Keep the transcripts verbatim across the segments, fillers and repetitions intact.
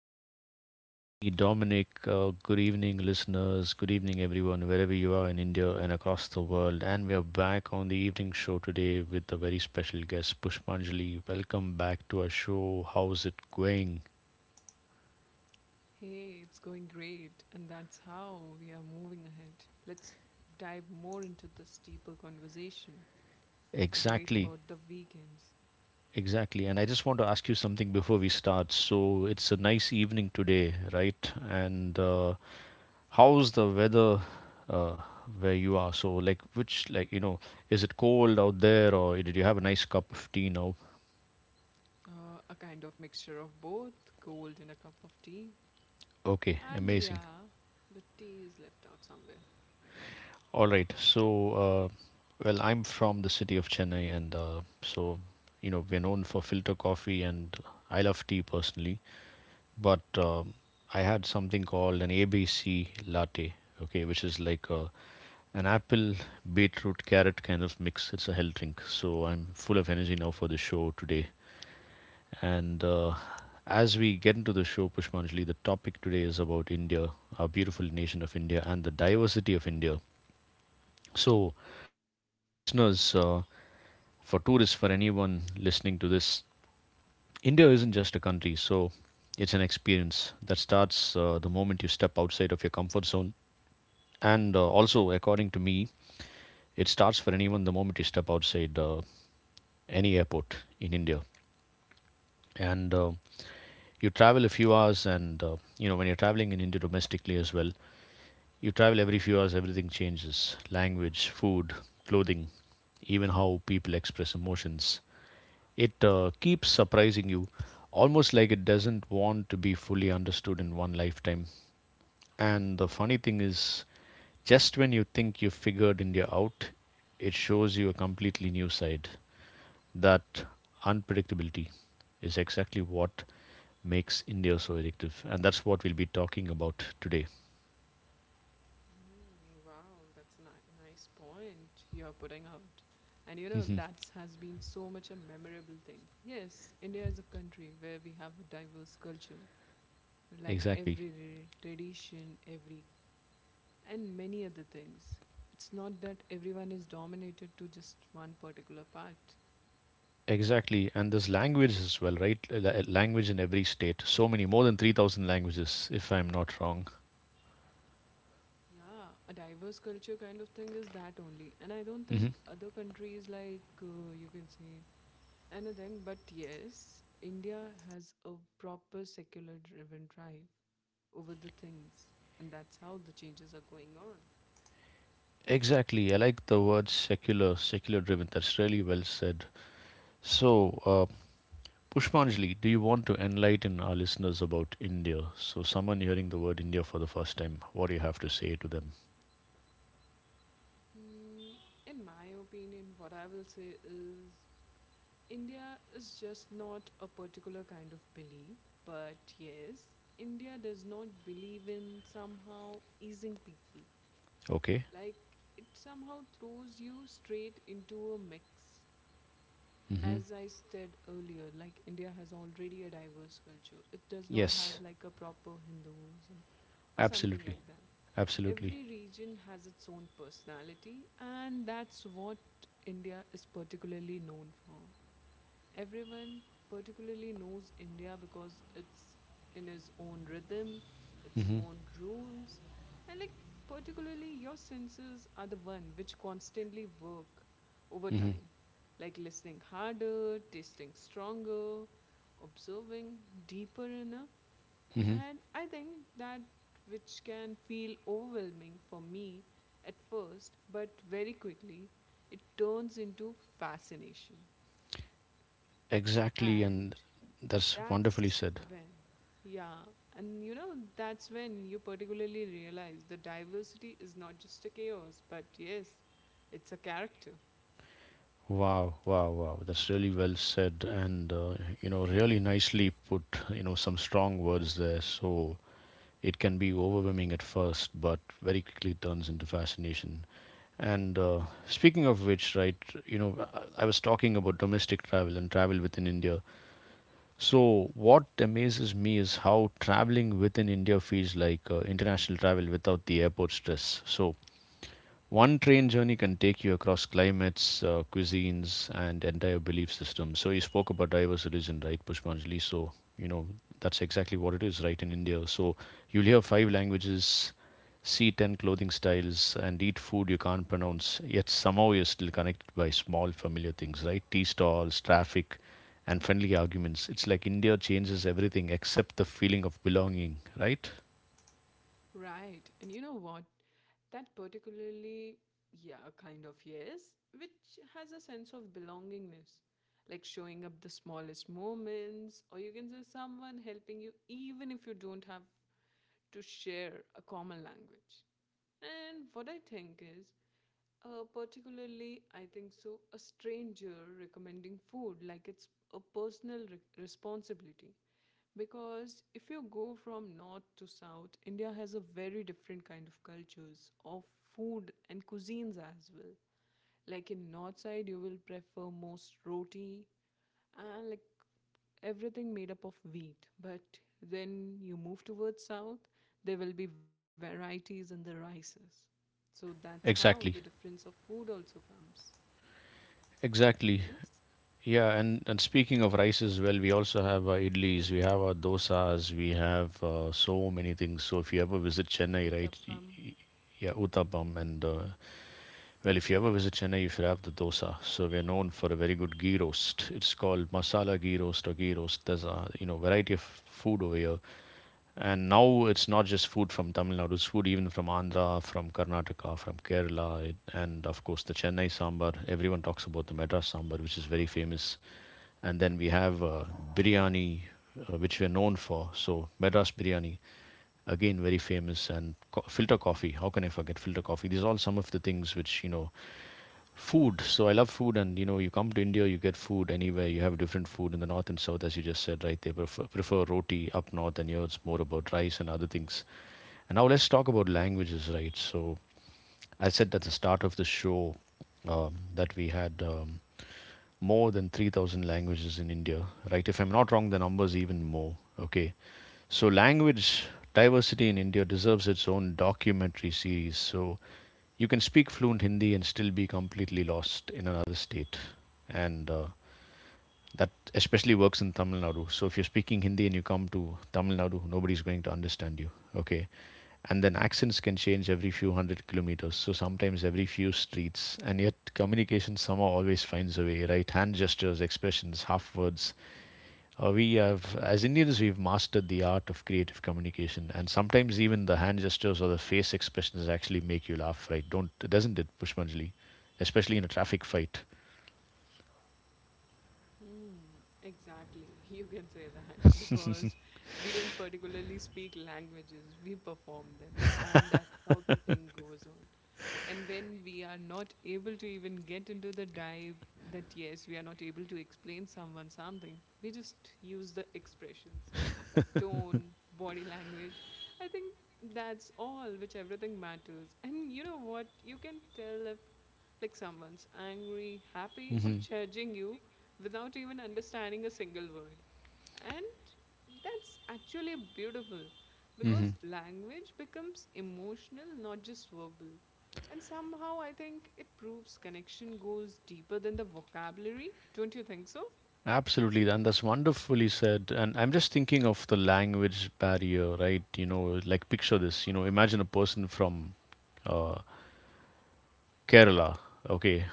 show with me, Dominic. Uh, good evening, listeners. Good evening, everyone, wherever you are in India and across the world. And we are back on the evening show today with a very special guest, Pushpanjali. Welcome back to our show. How's it going? Hey, it's going great. And that's how we are moving ahead. Let's dive more into this deeper conversation. A great Exactly, about the weekends. exactly. And I just want to ask you something before we start. So it's a nice evening today, right? And uh, how's the weather uh, where you are? So, like, which, like, you know, is it cold out there, or did you have a nice cup of tea now? Uh, a kind of mixture of both, cold and a cup of tea. Okay, And amazing. yeah, but tea is left out somewhere. All right. So, uh, well, I'm from the city of Chennai, and uh, so, you know, we're known for filter coffee, and I love tea personally. But um, I had something called an A B C latte, okay, which is like a, an apple, beetroot, carrot kind of mix. It's a health drink. So, I'm full of energy now for the show today. And uh, as we get into the show, Pushpanjali, the topic today is about India, our beautiful nation of India, and the diversity of India. So, for our listeners, uh, for tourists, for anyone listening to this, India isn't just a country. So, it's an experience that starts uh, the moment you step outside of your comfort zone. And uh, also, according to me, it starts for anyone the moment you step outside uh, any airport in India. And uh, you travel a few hours, and uh, you know, when you're traveling in India domestically as well, you travel every few hours, everything changes. Language, food, clothing, even how people express emotions. It uh, keeps surprising you, almost like it doesn't want to be fully understood in one lifetime. And the funny thing is, just when you think you've figured India out, it shows you a completely new side. That unpredictability is exactly what makes India so addictive. And that's what we'll be talking about today. Wow, that's a ni- nice point you're putting out. And you know, that has been so much a memorable thing. Yes, India is a country where we have a diverse culture. Like Exactly. every re- tradition, every and many other things. It's not that everyone is dominated to just one particular part. Exactly, and there's languages as well, right? Uh, la- Language in every state. So many, more than three thousand languages, if I'm not wrong. Yeah, a diverse culture kind of thing is that only. And I don't think Hmm. other countries, like uh, you can say anything, but yes, India has a proper secular driven drive over the things. And that's how the changes are going on. Exactly, I like the word secular, secular driven. That's really well said. So, uh, Pushpanjali, do you want to enlighten our listeners about India? So, someone hearing the word India for the first time, what do you have to say to them? Mm, in my opinion, what I will say is India is just not a particular kind of belief, but yes, India does not believe in somehow easing people. Okay? Like, it somehow throws you straight into a mix. Hmm. As I said earlier, like, India has already a diverse culture. It does not Yes, have like a proper Hinduism or something absolutely, like that. absolutely. Every region has its own personality, and that's what India is particularly known for. Everyone particularly knows India because it's in his own rhythm, its Hmm. own rules, and like particularly your senses are the one which constantly work over Hmm. time, like listening harder, tasting stronger, observing deeper enough. Hmm. And I think that which can feel overwhelming for me at first, but very quickly it turns into fascination. Exactly, And and that's wonderfully that's said. when, yeah, and you know that's when you particularly realize the diversity is not just a chaos, but yes, it's a character. Wow, wow, wow. That's really well said, and uh, you know really nicely put, you know, some strong words there. So it can be overwhelming at first, but very quickly turns into fascination. And uh, speaking of which, right, you know, I I was talking about domestic travel and travel within India. So what amazes me is how traveling within India feels like uh, international travel without the airport stress. So one train journey can take you across climates, uh, cuisines, and entire belief systems. So you spoke about diverse religion, right, Pushpanjali? So, you know, that's exactly what it is, right, in India. So you'll hear five languages, see ten clothing styles, and eat food you can't pronounce. Yet somehow you're still connected by small familiar things, right? Tea stalls, traffic, and friendly arguments. It's like India changes everything except the feeling of belonging, right? Right, and you know what, that particularly, yeah, kind of yes, which has a sense of belongingness, like showing up the smallest moments, or you can say someone helping you even if you don't have to share a common language. And what I think is, Uh, particularly, I think so, a stranger recommending food, like it's a personal re- responsibility. Because if you go from north to south, India has a very different kind of cultures of food and cuisines as well. Like in north side, you will prefer most roti, and like everything made up of wheat. But then you move towards south, there will be varieties in the rices. So that's how the Exactly, difference of food also comes. exactly. Yes, Yeah, and, and speaking of rice as well, we also have our idlis, we have our dosas, we have uh, so many things. So if you ever visit Chennai, right, y- uttappam. y- yeah, uttapam, and uh, well, if you ever visit Chennai, you should have the dosa. So we're known for a very good ghee roast. It's called masala ghee roast or ghee roast. There's a you know variety of food over here, and now it's not just food from Tamil Nadu. It's food even from Andhra, from Karnataka, from Kerala, it, and of course the Chennai sambar. Everyone talks about the Madras sambar, which is very famous, and then we have uh, biryani, uh, which we are known for. So Madras biryani, again very famous, and co- filter coffee. How can I forget filter coffee? These are all some of the things which you know. Food. So I love food, and you know, you come to India, you get food anywhere. You have different food in the north and south, as you just said, right? They prefer, prefer roti up north, and here it's more about rice and other things. And now let's talk about languages, right? So I said at the start of the show um, that we had. Um, more than three thousand languages in India, right? If I'm not wrong, the number's even more. Okay. So, language diversity in India deserves its own documentary series. So, you can speak fluent Hindi and still be completely lost in another state. And uh, that especially works in Tamil Nadu. So, if you're speaking Hindi and you come to Tamil Nadu, nobody's going to understand you. Okay, and then accents can change every few hundred kilometers, so sometimes every few streets, and yet communication somehow always finds a way. Right, hand gestures, expressions, half words. Uh, we have As Indians, we've mastered the art of creative communication, and sometimes even the hand gestures or the face expressions actually make you laugh, right? Don't doesn't it, Pushpanjali? Especially in a traffic fight. Hmm, exactly. You can say that because we don't particularly speak languages, we perform them, and that's how the thing goes on. And when we are not able to even get into the dive, that yes, we are not able to explain someone something, we just use the expressions like tone, body language. I think that's all, which everything matters. And you know what? You can tell if like someone's angry, happy, or Mm-hmm. judging you without even understanding a single word. And that's actually beautiful Mm-hmm. because language becomes emotional, not just verbal. And somehow I think it proves connection goes deeper than the vocabulary. Don't you think so? Absolutely, and that's wonderfully said. And I'm just thinking of the language barrier, right? You know, like, picture this. You know, imagine a person from uh, Kerala, okay,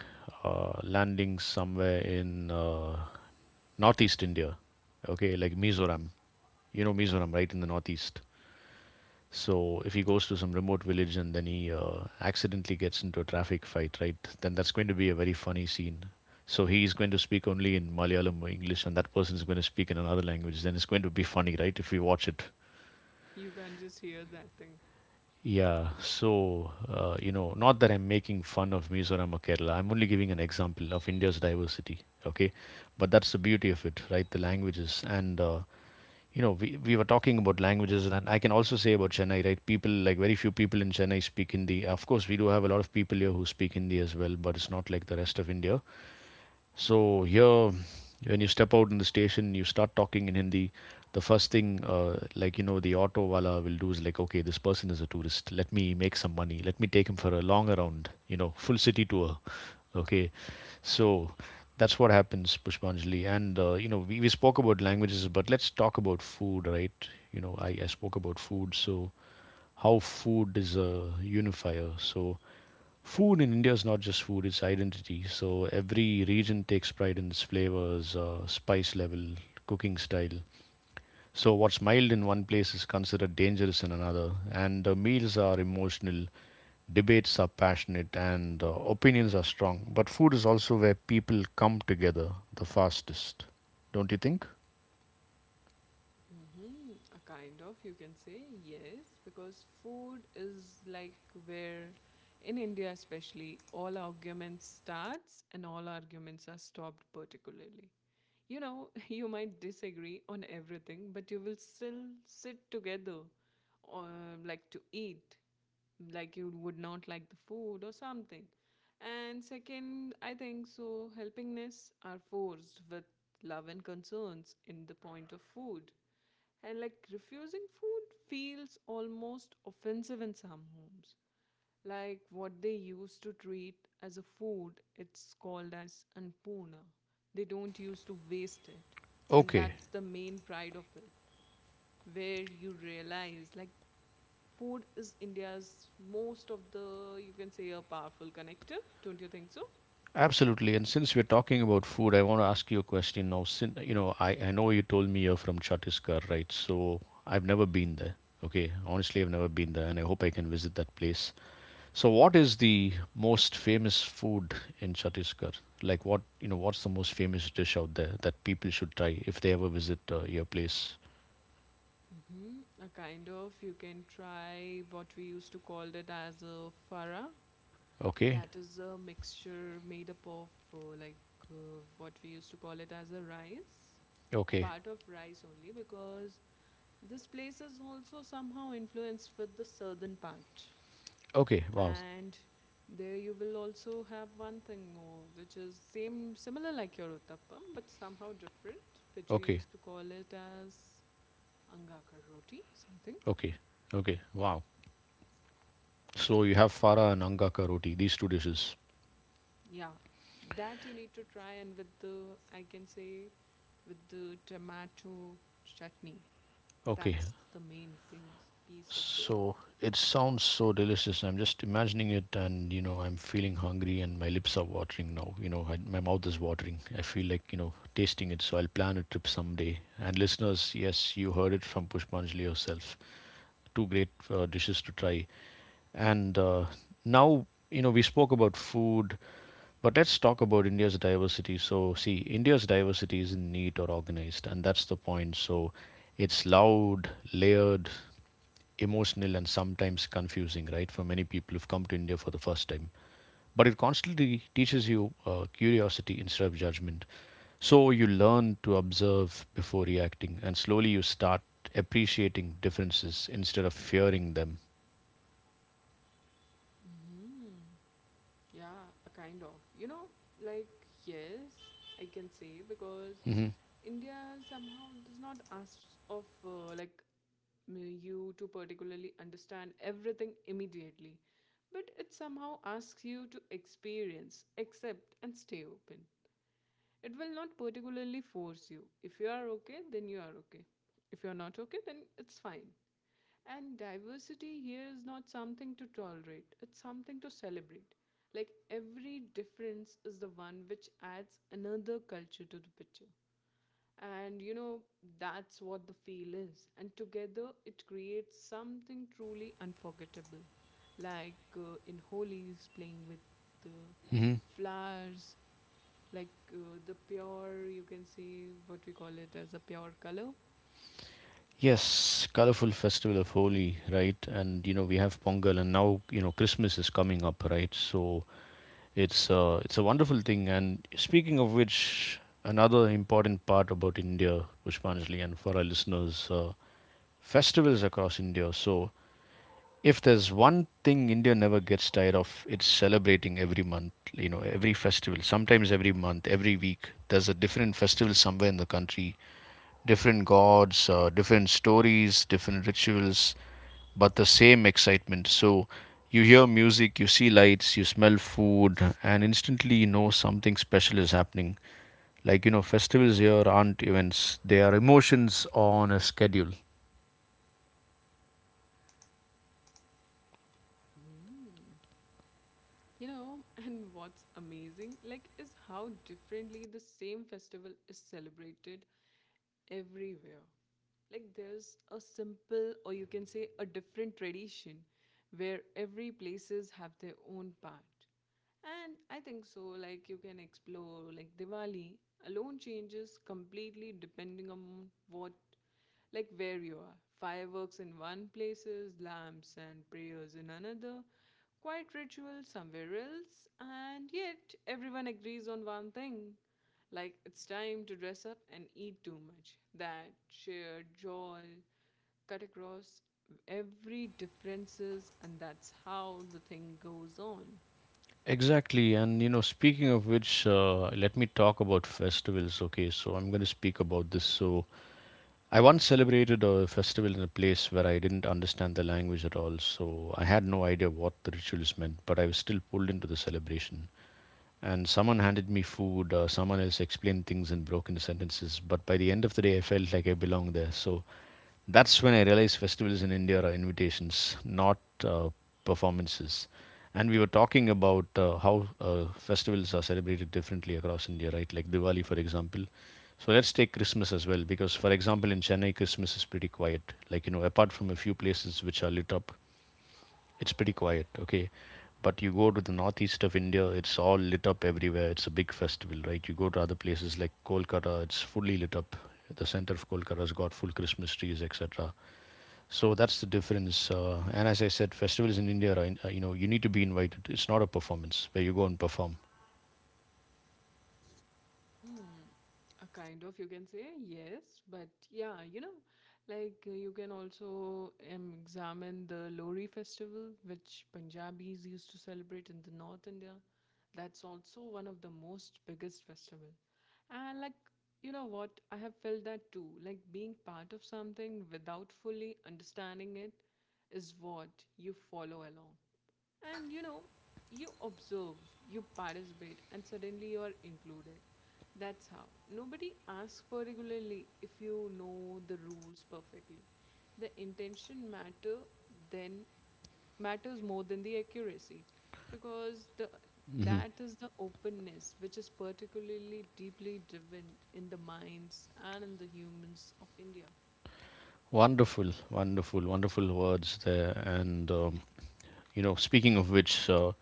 uh, landing somewhere in uh, northeast India, okay, like Mizoram. You know Mizoram, right, in the northeast. So if he goes to some remote village and then he uh, accidentally gets into a traffic fight, right? Then that's going to be a very funny scene. So he is going to speak only in Malayalam or English, and that person is going to speak in another language. Then it's going to be funny, right? If we watch it. You can't just hear that thing. Yeah. So uh, you know, not that I'm making fun of Mizoram or Kerala. I'm only giving an example of India's diversity. Okay, but that's the beauty of it, right? The languages, and uh, you know we, we were talking about languages, and I can also say about Chennai. Right, people, like, very few people in Chennai speak Hindi. Of course, we do have a lot of people here who speak Hindi as well, but it's not like the rest of India. So here, when you step out in the station, you start talking in Hindi. The first thing, uh, like, you know, the auto wala will do is like, okay, this person is a tourist. Let me make some money. Let me take him for a long around, you know, full city tour. Okay, so that's what happens, Pushpanjali. And uh, you know, we, we spoke about languages, but let's talk about food, right? You know, I, I spoke about food, so how food is a unifier. So food in India is not just food, it's identity. So every region takes pride in its flavors, uh, spice level, cooking style. So what's mild in one place is considered dangerous in another. And uh, meals are emotional, debates are passionate, and uh, opinions are strong. But food is also where people come together the fastest, don't you think? Hmm, a kind of, you can say, yes, because food is like where, in India especially, all arguments starts and all arguments are stopped particularly. You know, you might disagree on everything, but you will still sit together, uh, like to eat, like you would not like the food or something. And second, I think so, helpingness are forced with love and concerns in the point of food, and like refusing food feels almost offensive in some homes. Like what they used to treat as a food, it's called as anpurna. They don't used to waste it. And Okay. that's the main pride of it, where you realize like food is India's most of the, you can say, a powerful connector. Don't you think so? Absolutely. And since we're talking about food, I want to ask you a question now. Sin, you know, I, I know you told me you're from Chhattisgarh, right? So I've never been there. Okay. Honestly, I've never been there, and I hope I can visit that place. So what is the most famous food in Chhattisgarh? Like, what, you know, what's the most famous dish out there that people should try if they ever visit uh, your place? Mm-hmm. A kind of, you can try what we used to call it as a fara. Okay. That is a mixture made up of uh, like uh, what we used to call it as a rice, a Okay. part of rice only, because this place is also somehow influenced with the southern part. Okay. Wow. And there you will also have one thing more, which is same similar like your uttappam, but somehow different, which we Okay. used to call it as angaka roti, something. Okay. Okay. Wow. So you have fara and Angaka roti, these two dishes. Yeah, that you need to try, and with the, I can say, with the tomato chutney. Okay. That's the main piece piece of there. So it sounds so delicious. I'm just imagining it, and you know, I'm feeling hungry, and my lips are watering now. You know, I, my mouth is watering. I feel like you know, tasting it. So I'll plan a trip someday. And listeners, yes, you heard it from Pushpanjali herself. Two great uh, dishes to try. And uh, now, you know, we spoke about food, but let's talk about India's diversity. So, see, India's diversity isn't neat or organized, and that's the point. So, it's loud, layered, emotional, and sometimes confusing, right, for many people who've come to India for the first time. But it constantly teaches you uh, curiosity instead of judgment. So, you learn to observe before reacting, and slowly you start appreciating differences instead of fearing them. Hmm, yeah, a kind of, you know, like, yes, I can say because Hmm. India somehow does not ask of, uh, like, m- you to particularly understand everything immediately, but it somehow asks you to experience, accept, and stay open. It will not particularly force you. If you are okay, then you are okay. If you are not okay, then it's fine. And diversity here is not something to tolerate, it's something to celebrate. Like every difference is the one which adds another culture to the picture. And you know, that's what the feel is. And together it creates something truly unforgettable. Like uh, in Holi's playing with the flowers, like uh, the pure, you can see what we call it as a pure color. Yes, colorful festival of Holi, right? And you know we have Pongal, and now you know Christmas is coming up, right? So it's uh, it's a wonderful thing. And speaking of which, another important part about India, Pushpanjali, and for our listeners, uh, festivals across India. So if there's one thing India never gets tired of, it's celebrating every month. You know, every festival, sometimes every month, every week. There's a different festival somewhere in the country, different gods, uh, different stories, different rituals, but the same excitement. So you hear music, you see lights, you smell food, and instantly you know something special is happening. Like, you know, festivals here aren't events, they are emotions on a schedule. Mhm. You know, and what's amazing, like, is how differently the same festival is celebrated everywhere. Like, there's a simple, or you can say, a different tradition where every places have their own part. And I think so, like you can explore like Diwali alone changes completely depending on what, like, where you are. Fireworks in one places, lamps and prayers in another, quiet rituals somewhere else, and yet everyone agrees on one thing. Like it's time to dress up and eat too much. That shared joy cut across every differences, and that's how the thing goes on. Exactly, and you know, speaking of which, uh, let me talk about festivals. Okay, so I'm going to speak about this. So, I once celebrated a festival in a place where I didn't understand the language at all, so I had no idea what the rituals meant, but I was still pulled into the celebration. And someone handed me food, uh, someone else explained things in broken sentences, but by the end of the day, I felt like I belonged there. So that's when I realized festivals in India are invitations, not uh, performances. And we were talking about uh, how uh, festivals are celebrated differently across India, right? Like Diwali, for example. So let's take Christmas as well, because, for example, in Chennai, Christmas is pretty quiet. Like, you know, apart from a few places which are lit up, it's pretty quiet, okay? But you go to the northeast of India, it's all lit up everywhere. It's a big festival, right? You go to other places like Kolkata, it's fully lit up. The center of Kolkata has got full Christmas trees, et cetera. So that's the difference. Uh, and as I said, festivals in India are, uh, you know, you need to be invited. It's not a performance where you go and perform. Hmm. A kind of, you can say, yes. But yeah, you know, like uh, you can also um, examine the Lori festival, which Punjabis used to celebrate in the North India. That's also one of the most biggest festival. And like, you know what? I have felt that too. Like being part of something without fully understanding it is what you follow along. And you know, you observe, you participate, and suddenly you're included. That's how. Nobody asks particularly if you know the rules perfectly. The intention matter then matters more than the accuracy because the Hmm. that is the openness which is particularly deeply driven in the minds and in the humans of India. Wonderful, wonderful, wonderful words there. And, um, you know, speaking of which, uh,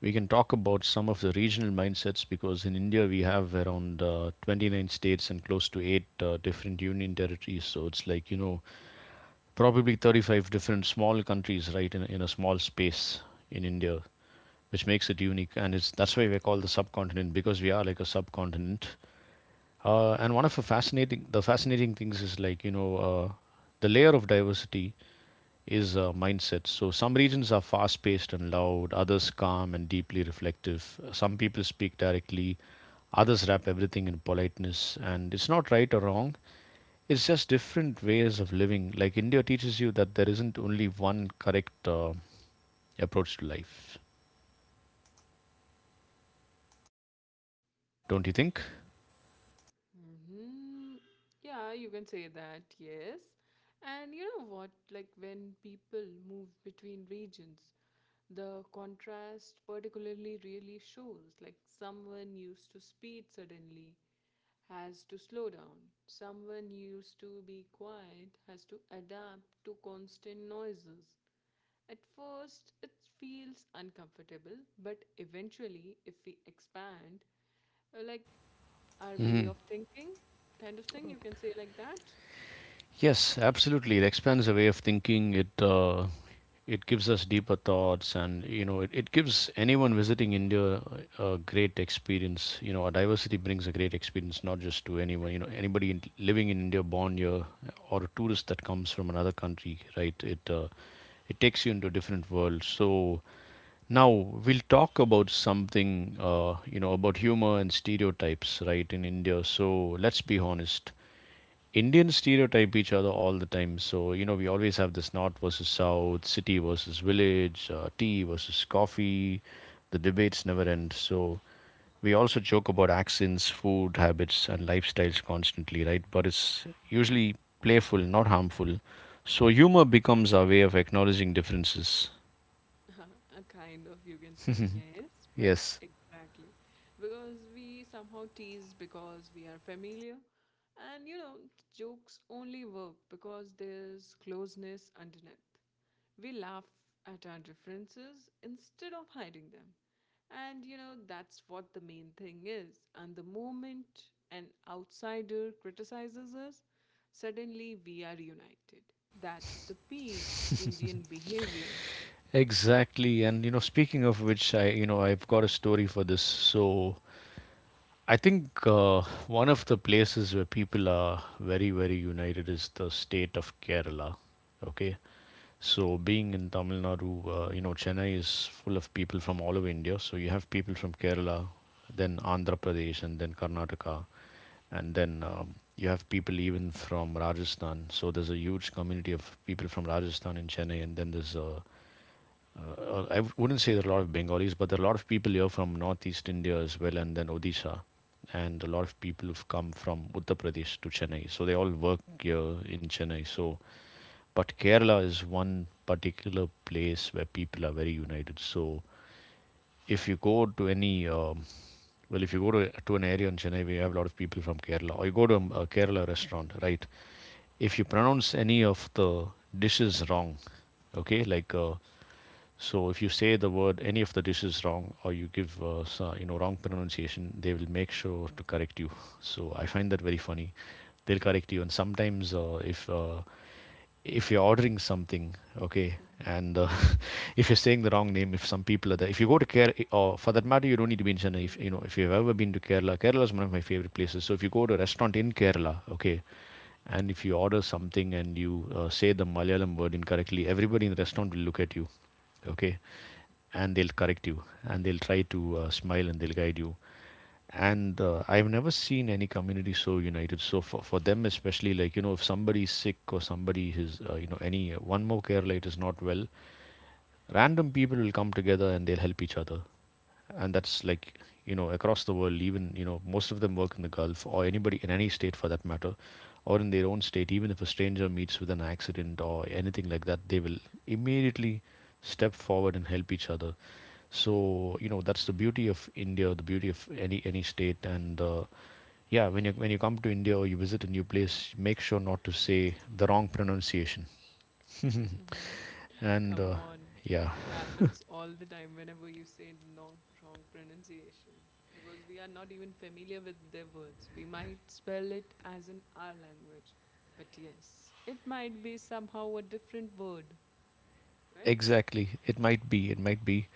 we can talk about some of the regional mindsets because in India we have around uh, twenty-nine states and close to eight uh, different union territories. So it's like, you know, probably thirty-five different small countries, right, in, in a small space in India, which makes it unique. And it's that's why we're called the subcontinent because we are like a subcontinent. Uh, and one of the fascinating the fascinating things is, like, you know, uh, the layer of diversity is, uh, mindset. So some regions are fast paced and loud, others calm and deeply reflective. Some people speak directly, others wrap everything in politeness, and it's not right or wrong. It's just different ways of living. Like India teaches you that there isn't only one correct uh, approach to life. Don't you think? Hmm. Yeah, you can say that, yes. And you know what? Like when people move between regions, the contrast particularly really shows. Like someone used to speed suddenly has to slow down, someone used to be quiet has to adapt to constant noises. At first, it feels uncomfortable, but eventually, if we expand, uh, like our way Hmm. of thinking, kind of thing, you can say like that. Yes, absolutely. It expands a way of thinking. It uh, it gives us deeper thoughts, and you know, it, it gives anyone visiting India a great experience. You know, our diversity brings a great experience, not just to anyone. You know, anybody in, living in India, born here, or a tourist that comes from another country, right? It uh, it takes you into a different world. So now we'll talk about something, uh, you know, about humor and stereotypes, right, in India. So let's be honest. Indians stereotype each other all the time. So, you know, we always have this north versus south, city versus village, uh, tea versus coffee. The debates never end. So, we also joke about accents, food habits, and lifestyles constantly, right? But it's usually playful, not harmful. So, humor becomes our way of acknowledging differences. A kind of, you can say yes, but Yes. exactly, because we somehow tease because we are familiar. And you know, jokes only work because there's closeness underneath. We laugh at our differences instead of hiding them. And you know that's what the main thing is. And the moment an outsider criticizes us, suddenly we are united. That's the peak Indian behavior. Exactly. And, you know, speaking of which, I, you know, I've got a story for this. So, I think uh, one of the places where people are very, very united is the state of Kerala. Okay, so being in Tamil Nadu, uh, you know, Chennai is full of people from all over India. So you have people from Kerala, then Andhra Pradesh, and then Karnataka, and then um, you have people even from Rajasthan. So there's a huge community of people from Rajasthan in Chennai, and then there's a uh, uh, I wouldn't say there are a lot of Bengalis, but there are a lot of people here from northeast India as well, and then Odisha, and a lot of people have come from Uttar Pradesh to Chennai. So they all work here in Chennai. So, but Kerala is one particular place where people are very united. So if you go to any um, well, if you go to, to an area in Chennai, we have a lot of people from Kerala, or you go to a, a Kerala restaurant, right? If you pronounce any of the dishes wrong, okay, like uh, so if you say the word any of the dishes wrong or you give uh, so- you know wrong pronunciation, they will make sure to correct you. So I find that very funny. They'll correct you, and sometimes uh, if uh, if you're ordering something, okay, and uh, if you're saying the wrong name, if some people are there, if you go to Kerala, eh, or for that matter, you don't need to be in Chennai. If you Mhm, know, if you've ever been to Kerala, Kerala is one of my favorite places. So if you go to a mhm, restaurant in Kerala, okay, and if you order something and you uh, say the Malayalam word incorrectly, everybody in the restaurant will look at you, okay, and they'll correct you and they'll try to uh, smile and they'll guide you, and uh, i've never seen any community so united. So for, for them especially, like, you know, if somebody's sick or somebody is, uh, you know, any uh, one more care late is not well, random people will come together and they'll help each other, and that's like, you know, across the world, even, you know, most of them work in the gulf or anybody in any state for that matter, or in their own state, even if a stranger meets with an accident or anything like that, they will immediately step forward and help each other. So you know that's the beauty of India, the beauty of any any state, and uh, yeah, when you, when you come to India or you visit a new place, make sure not to say the wrong pronunciation. mhm. And Come uh, on. yeah, It happens all the time whenever you say non wrong pronunciation because we are not even familiar with their words. We might spell it as in our language, but yes, it might be somehow a different word, right? exactly, it might be, it might be,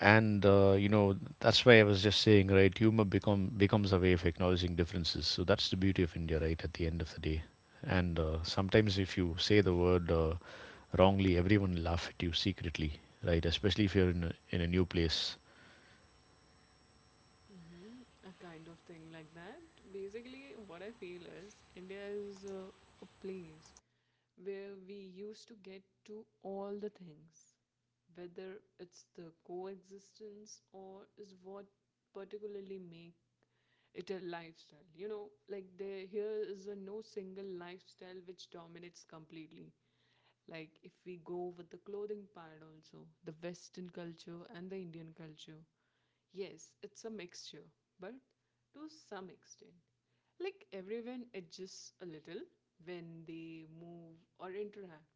and uh, you know that's why I was just saying, right? Humor become becomes a way of acknowledging differences. So that's the beauty of India, right? At the end of the day, and uh, sometimes if you say the word uh, wrongly, everyone will laugh at you secretly, right? Especially if you're in a, in a new place. Mm-hmm. A kind of thing like that. Basically, what I feel is India is a, a place where we used to get to all the things, whether it's the coexistence or is what particularly make it a lifestyle. You know, like there here is a no single lifestyle which dominates completely. Like if we go with the clothing part also, the Western culture and the Indian culture. Yes, it's a mixture, but to some extent. Like everyone adjusts a little when they move or interact.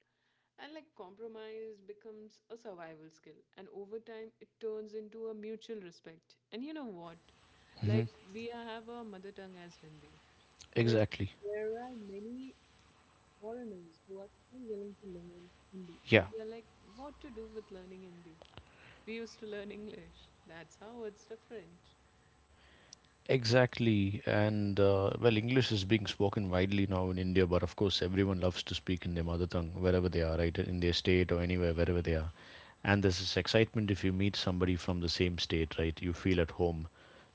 And like compromise becomes a survival skill. And over time, it turns into a mutual respect. And you know what? Hmm. Like, we have our mother tongue as Hindi. But Exactly. there are many foreigners who are still willing to learn Hindi. Yeah, And we are like, what to do with learning Hindi? We used to learn English. That's how it's different. exactly. And uh, well, English is being spoken widely now in India, but of course, everyone loves to speak in their mother tongue wherever they are, right? In their state or anywhere, wherever they are. And there's this excitement if you meet somebody from the same state, right? You feel at home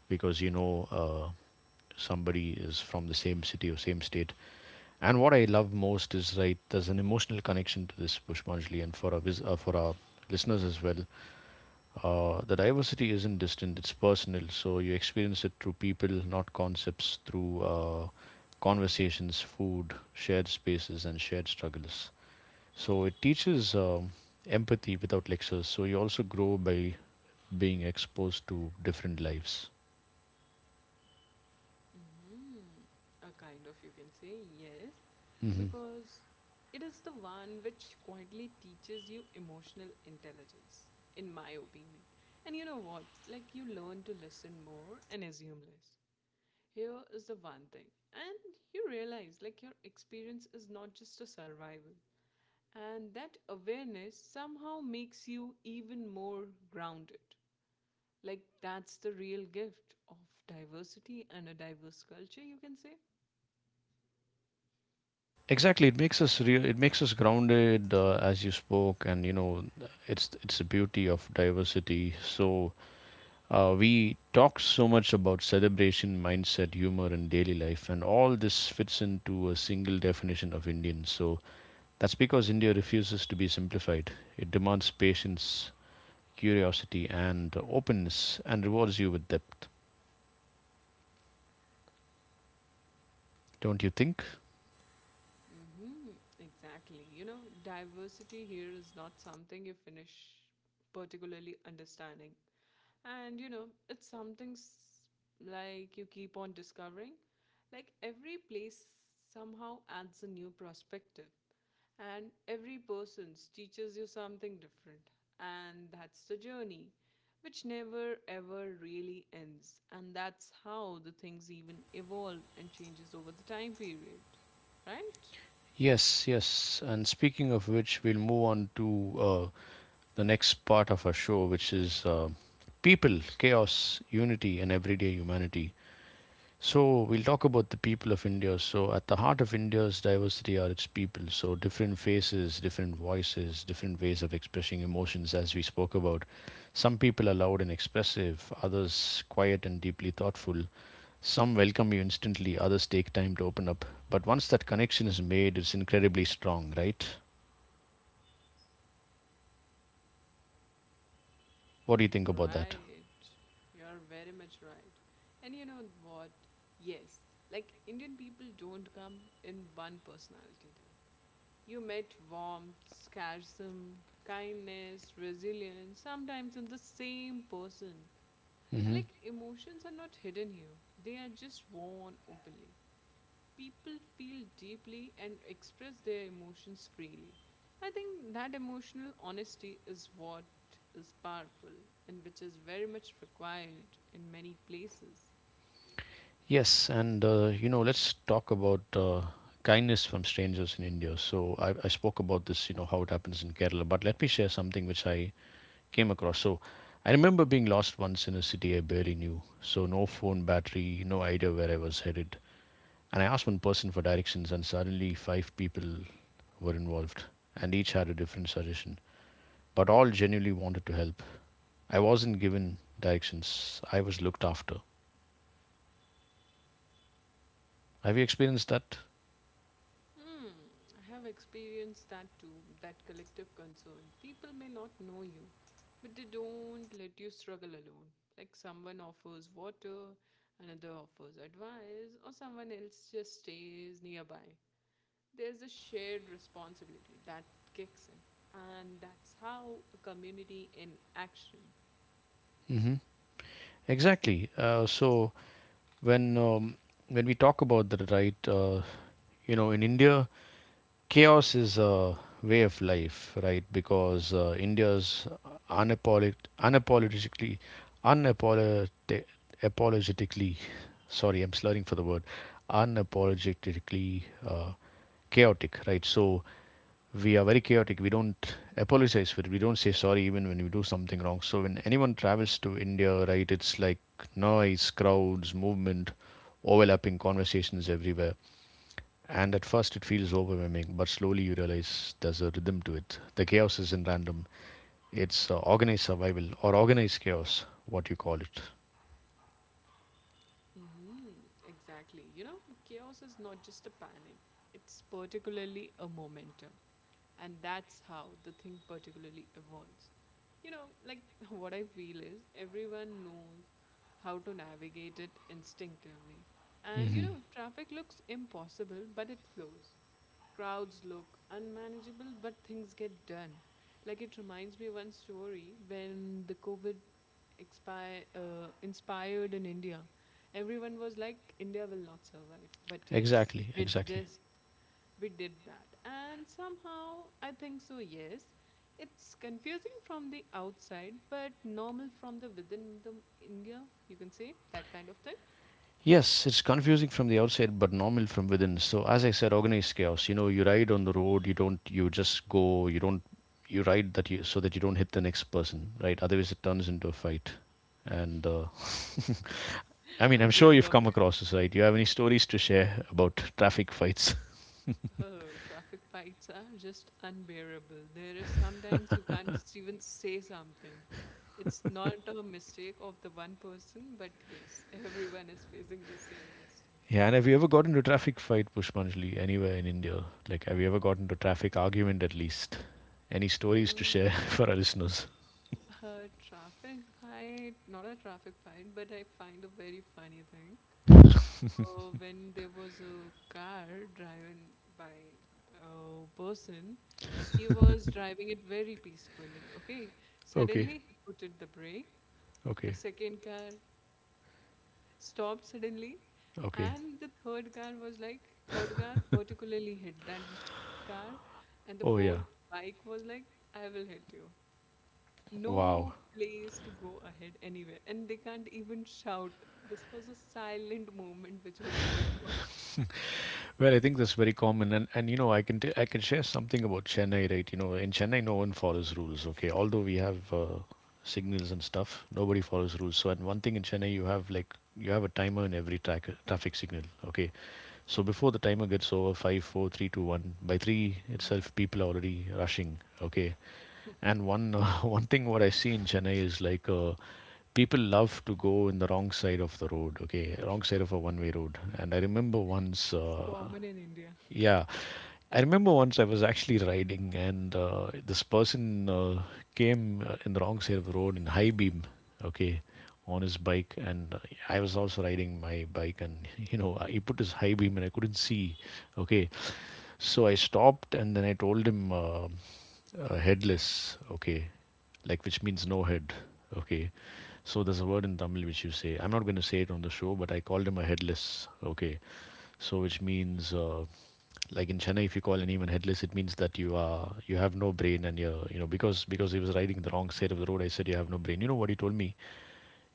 because you know uh, somebody is from the same city or same state. And what I love most is, right, there's an emotional connection to this, Pushpanjali, and for our, vis- uh, for our listeners as well. Uh, the diversity isn't distant, it's personal. So you experience it through people, not concepts, through uh, conversations, food, shared spaces, and shared struggles. So it teaches um, empathy without lectures. So you also grow by being exposed to different lives. Mm, a kind of, you can say, yes, Hmm. because it is the one which quietly teaches you emotional intelligence, in my opinion. And you know what? Like, you learn to listen more and assume less. Here is the one thing, and you realize like your experience is not just a survival, and that awareness somehow makes you even more grounded. Like that's the real gift of diversity and a diverse culture, you can say. Exactly, it makes us real. It makes us grounded, uh, as you spoke, and you know, it's it's the beauty of diversity. So Uh, we talk so much about celebration, mindset, humor, and daily life, and all this fits into a single definition of Indian. So that's because India refuses to be simplified. It demands patience, curiosity, and openness, and rewards you with depth. Don't you think? Mm-hmm, exactly. You know, diversity here is not something you finish particularly understanding. And, you know, it's something s- like you keep on discovering. Like every place somehow adds a new perspective, and every person teaches you something different. And that's the journey, which never ever really ends. And that's how the things even evolve and changes over the time period, right? Yes, yes. And speaking of which, we'll move on to uh, the next part of our show, which is uh, people, chaos, unity, and everyday humanity. So we'll talk about the people of India. So at the heart of India's diversity are its people. So different faces, different voices, different ways of expressing emotions, as we spoke about. Some people are loud and expressive, others quiet and deeply thoughtful. Some welcome you instantly, others take time to open up. But once that connection is made, it's incredibly strong, right? What do you Hmm, think about that? right. You're very much right. And you know what? Yes, like Indian people don't come in one personality type. You met warmth, sarcasm, kindness, resilience, sometimes in the same person. And Hmm. like emotions are not hidden here, they are just worn openly, people feel deeply and express their emotions freely. I think that emotional honesty is what is powerful and which is very much required in many places. Yes, and uh, you know, let's talk about uh, kindness from strangers in India. So I, I spoke about this, you know, how it happens in Kerala, but let me share something which I came across. So I remember being lost once in a city I barely knew. So no phone battery, no idea where I was headed. And I asked one person for directions, and suddenly five people were involved, and each had a different suggestion, but all genuinely wanted to help. I wasn't given directions, I was looked after. Have you experienced that? Hmm, I have experienced that too, that collective concern. People may not know you, but they don't let you struggle alone. Like someone offers water, another offers advice, or someone else just stays nearby. There's a shared responsibility that kicks in. And that's how a community in action. Hmm. Exactly. Uh, so when um, when we talk about that, right? Uh, you know, in India, chaos is a way of life, right? Because uh, India's unapolit unapologetically unapologetically apologetically sorry I'm slurring for the word unapologetically uh, chaotic, right? So we are very chaotic. We don't apologize for it. We don't say sorry even when we do something wrong. So when anyone travels to India, right, it's like noise, crowds, movement, overlapping conversations everywhere. And at first it feels overwhelming, but slowly you realize there's a rhythm to it. The chaos isn't random. It's uh, organized survival, or organized chaos, what you call it. Mm-hmm, exactly. You know, chaos is not just a panic, it's particularly a momentum. And that's how the thing particularly evolves. You know, like what I feel is everyone knows how to navigate it instinctively. And you Hmm know, traffic looks impossible, but it flows. Crowds look unmanageable, but things get done. Like it reminds me one story when the COVID expire, uh, inspired in India. Everyone was like, India will not survive. But yes, Exactly, with exactly. this, we did that. And somehow, I think so, yes. It's confusing from the outside, but normal from the within the India, you can say that kind of thing. Yes, it's confusing from the outside, but normal from within. So, as I said, organized chaos. You know, you ride on the road. You don't. You just go. You don't. You ride that you so that you don't hit the next person, right? Otherwise, it turns into a fight. And uh, I mean, A I'm sure blend you've of come it. across this, right? Do you have any stories to share about traffic fights? Oh, traffic fights are just unbearable. There is sometimes you can't just even say something. It's not a mistake of the one person, but yes, everyone is facing the same Yeah, and have you ever got into a traffic fight, Pushpanjali, anywhere in India? Like, have you ever got into a traffic argument at least? Any stories to mistake. share for our listeners? A traffic fight, not a traffic fight, but I find a very funny thing. Uh, when there was a car driven by a person, he was driving it very peacefully. Okay, Okay, suddenly he put it the brake. The okay, second car stopped suddenly, okay. and the third car was like, third car particularly hit that car, and the Oh fourth yeah. bike was like, "I will hit you." Wow. No place to go ahead anywhere, and they can't even shout. This was a silent movement which was going on. Well, I think that's very common, and and you know, I can t- I can share something about Chennai, right? You know, in Chennai, no one follows rules. Okay, although we have uh, signals and stuff, nobody follows rules. So, and one thing in Chennai, you have like you have a timer in every track, traffic signal. Okay, so before the timer gets over, five, four, three, two, one. By three Mhm. itself, people are already rushing. Okay, and one uh, one thing what I see in Chennai is like uh, people love to go in the wrong side of the road. Okay, wrong side of a one-way road. And I remember once, It's uh, common in India. yeah, I remember once I was actually riding, and uh, this person uh, came uh, in the wrong side of the road in high beam, okay, on his bike. And uh, I was also riding my bike, and you know, he put his high beam, and I couldn't see, okay. So I stopped, and then I told him, uh, uh, headless, okay, like which means no head, okay. So there's a word in Tamil which you say. I'm not going to say it on the show, but I called him a headless, okay. So which means uh, like in Chennai, if you call anyone headless, it means that you are you have no brain, and you're you know, because because he was riding the wrong side of the road. I said you have no brain. You know what he told me?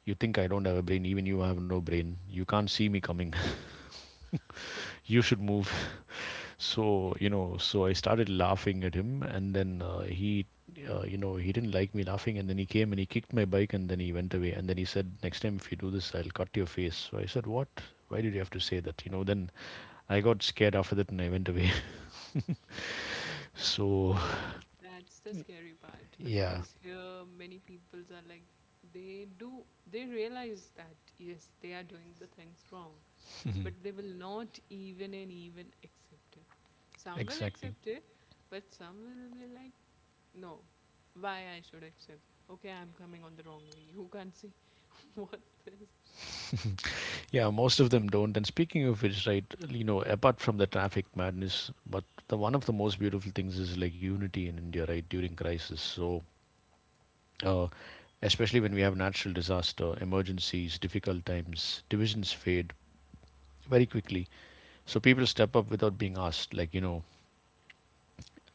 You think I don't have a brain? Even you have no brain. You can't see me coming. You should move. So you know. So I started laughing at him, and then uh, he. Uh, you know, he didn't like me laughing, and then he came and he kicked my bike, and then he went away, and then he said, next time if you do this, I'll cut your face. So I said, what, why did you have to say that, you know? Then I got scared after that and I went away. You So know, that's the scary part yeah, because here many peoples are like, they do they realize that yes, they are doing the things wrong, but they will not even and even accept it. Some will exactly. accept it, but some will be like, no. Why I should accept? Okay, I'm coming on the wrong way. You can't see. What's this? Yeah, most of them don't. And speaking of which, right, you know, apart from the traffic madness, but the one of the most beautiful things is like unity in India, right, during crisis. So, uh, especially when we have natural disaster, emergencies, difficult times, divisions fade very quickly. So people step up without being asked. Like, you know,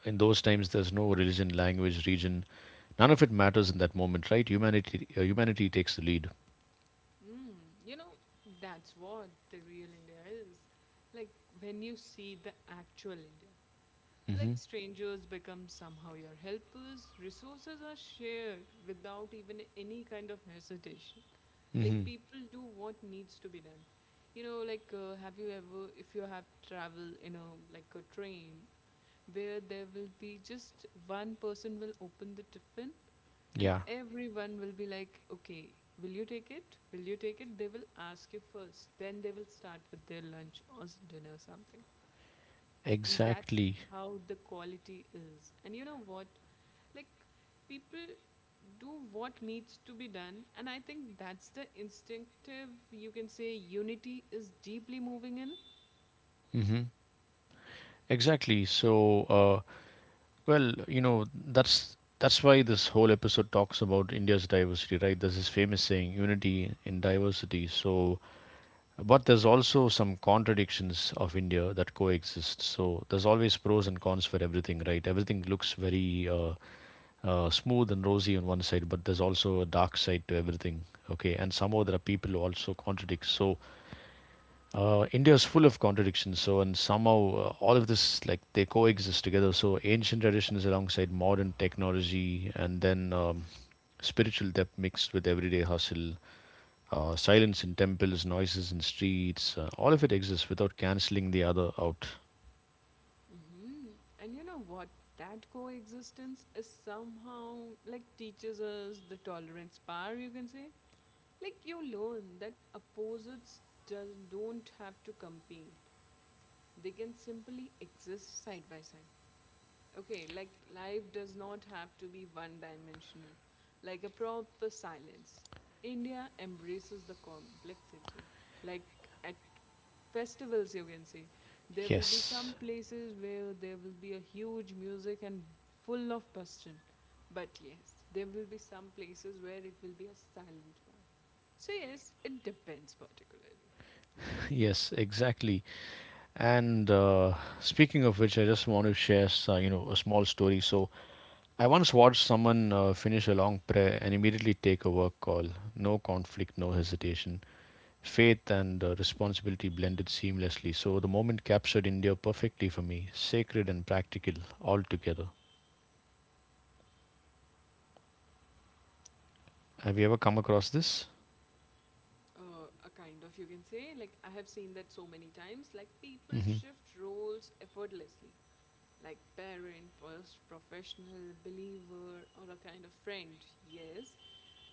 in those times, there's no religion, language, region. None of it matters in that moment, right? Humanity, uh, humanity takes the lead. Mm, you know, that's what the real India is. Like when you see the actual India, Mm-hmm. like strangers become somehow your helpers, resources are shared without even any kind of hesitation. Like Mm-hmm. people do what needs to be done. You know, like uh, have you ever, if you have travel in a like a train, where there will be just one person will open the tiffin, and Yeah, everyone will be like, okay, will you take it? Will you take it? They will ask you first. Then they will start with their lunch or s- dinner something. That's exactly. how the quality is. And you know what? Like, people do what needs to be done. And I think that's the instinctive, you can say, unity is deeply moving in. Exactly. So, uh, well, you know, that's that's why this whole episode talks about India's diversity, right? There's this famous saying, unity in diversity. So, but there's also some contradictions of India that coexist. So, there's always pros and cons for everything, right? Everything looks very uh, uh, smooth and rosy on one side, but there's also a dark side to everything. Okay, and somehow there are people who also contradict. So, uh, India is full of contradictions, so and somehow uh, all of this like they coexist together. So ancient traditions alongside modern technology, and then um, spiritual depth mixed with everyday hustle, uh, silence in temples, noises in streets. Uh, all of it exists without canceling the other out. Hmm. And you know what? That coexistence is somehow like teaches us the tolerance power, you can say. Like, you learn that opposites does, don't have to compete, they can simply exist side by side. Okay, like life does not have to be one dimensional, like a proper silence. India embraces the complexity. Like at festivals, you can say, there will be Yes, some places where there will be a huge music and full of passion. But yes, there will be some places where it will be a silent bar. So, yes, it depends particularly. yes, exactly. And uh, speaking of which, I just want to share, s- uh, you know, a small story. So I once watched someone uh, finish a long prayer and immediately take a work call. No conflict, no hesitation. Faith and uh, responsibility blended seamlessly. So the moment captured India perfectly for me, sacred and practical all together. Have you ever come across this? uh, a kind of you can say, like, I have seen that so many times, like people Hmm. shift roles effortlessly, like parent, pros- professional believer or a kind of friend. Yes,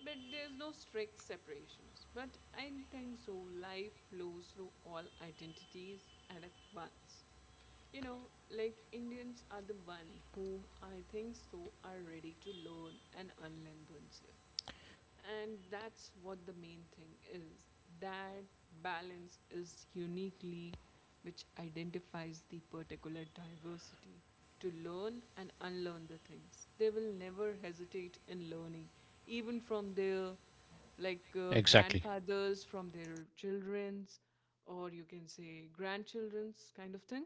but there's no strict separations, but I think so life flows through all identities and at once, you know. Like Indians are the one who I think so are ready to learn and unlearn themselves, and that's what the main thing is. That balance is uniquely which identifies the particular diversity, to learn and unlearn the things. They will never hesitate in learning, even from their like uh, Exactly. grandfathers, from their children's, or you can say grandchildren's kind of thing.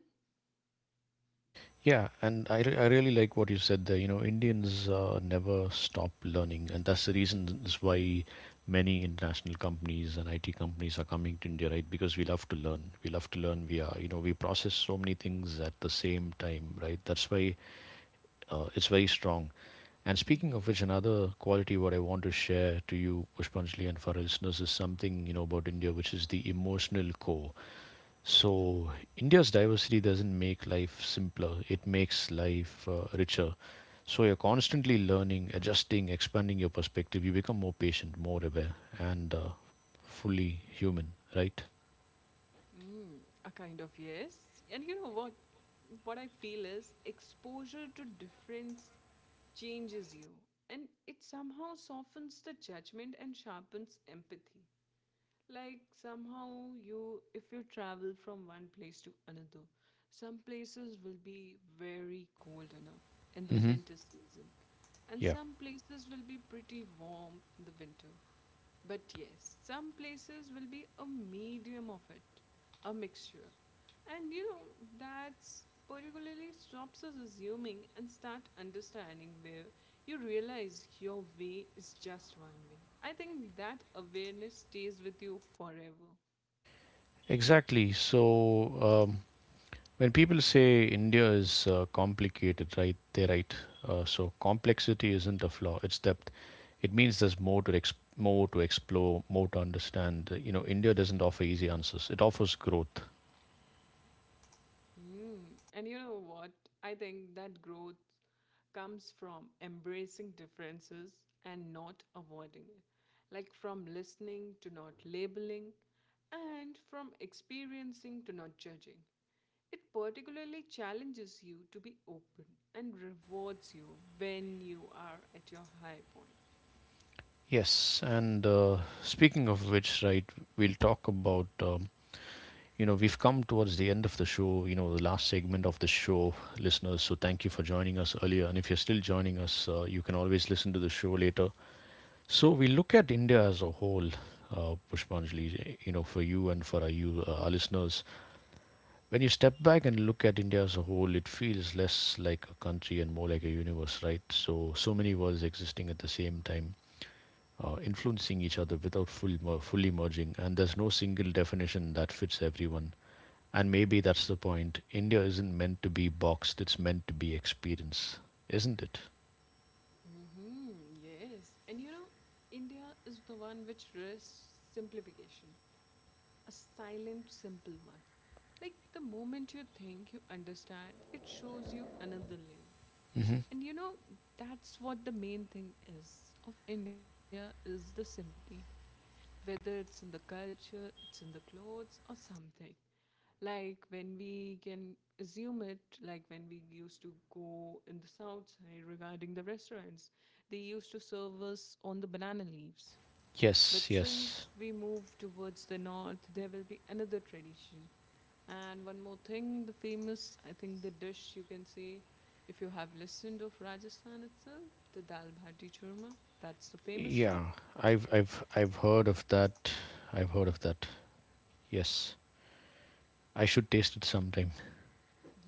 Yeah, and I, re- I really like what you said there. You know, Indians uh, never stop learning, and that's the reason is why many international companies and I T companies are coming to India, right? Because we love to learn. We love to learn. We are, you know, we process so many things at the same time, right? That's why uh, it's very strong. And speaking of which, another quality what I want to share to you, Pushpanjali, and for our listeners is something you know about India, which is the emotional core. So, India's diversity doesn't make life simpler, it makes life uh, richer. So, you're constantly learning, adjusting, expanding your perspective. You become more patient, more aware, and uh, fully human, right? Mm, a kind of yes. And you know what? What I feel is exposure to difference changes you, and it somehow softens the judgment and sharpens empathy. Like somehow you, if you travel from one place to another, some places will be very cold enough in the Hmm. winter season, and Yeah, some places will be pretty warm in the winter. But yes, some places will be a medium of it, a mixture. And you know, that's particularly stops us assuming and start understanding where you realize your way is just one way. I think that awareness stays with you forever. exactly. So, um, when people say India is uh, complicated, right? They're right. Uh, so complexity isn't a flaw; it's depth. It means there's more to exp- more to explore, more to understand. You know, India doesn't offer easy answers. It offers growth. Mm. And you know what? I think that growth comes from embracing differences and not avoiding it, like from listening to not labeling, and from experiencing to not judging. It particularly challenges you to be open and rewards you when you are at your high point. Yes, and uh, speaking of which, right, we'll talk about. Um, you know, we've come towards the end of the show. You know, the last segment of the show, listeners. So thank you for joining us earlier, and if you're still joining us, uh, you can always listen to the show later. So we look at India as a whole, uh, Pushpanjali, you know, for you and for our, you, uh, our listeners. When you step back and look at India as a whole, it feels less like a country and more like a universe, right? So, so many worlds existing at the same time, uh, influencing each other without full, mer- fully merging. And there's no single definition that fits everyone. And maybe that's the point. India isn't meant to be boxed, it's meant to be experienced, isn't it? Mm-hmm, yes. And you know, India is the one which rests simplification, a silent, simple one. Like the moment you think you understand, it shows you another layer. Hmm. And you know, that's what the main thing is of India is the simplicity, whether it's in the culture, it's in the clothes or something. Like when we can assume it, like when we used to go in the south side regarding the restaurants, they used to serve us on the banana leaves, Yes, but yes. since we move towards the north, there will be another tradition. And one more thing, the famous, I think the dish you can say, if you have listened of Rajasthan itself, the dal bhati churma, that's the famous one. Yeah, I've I've I've heard of that. I've heard of that. Yes, I should taste it sometime.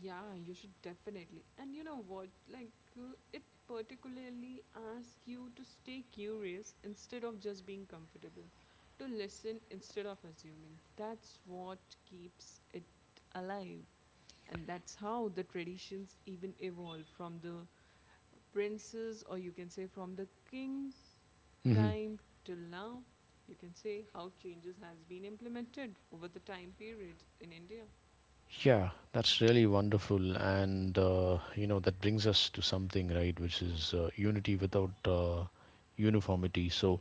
Yeah, you should definitely. And you know what? Like uh, it particularly asks you to stay curious instead of just being comfortable, to listen instead of assuming. That's what keeps it alive, and that's how the traditions even evolve from the princes, or you can say, from the king Hmm. time till now. You can say how changes has been implemented over the time period in India. Yeah, that's really wonderful, and uh, you know, that brings us to something, right, which is uh, unity without uh, uniformity. So,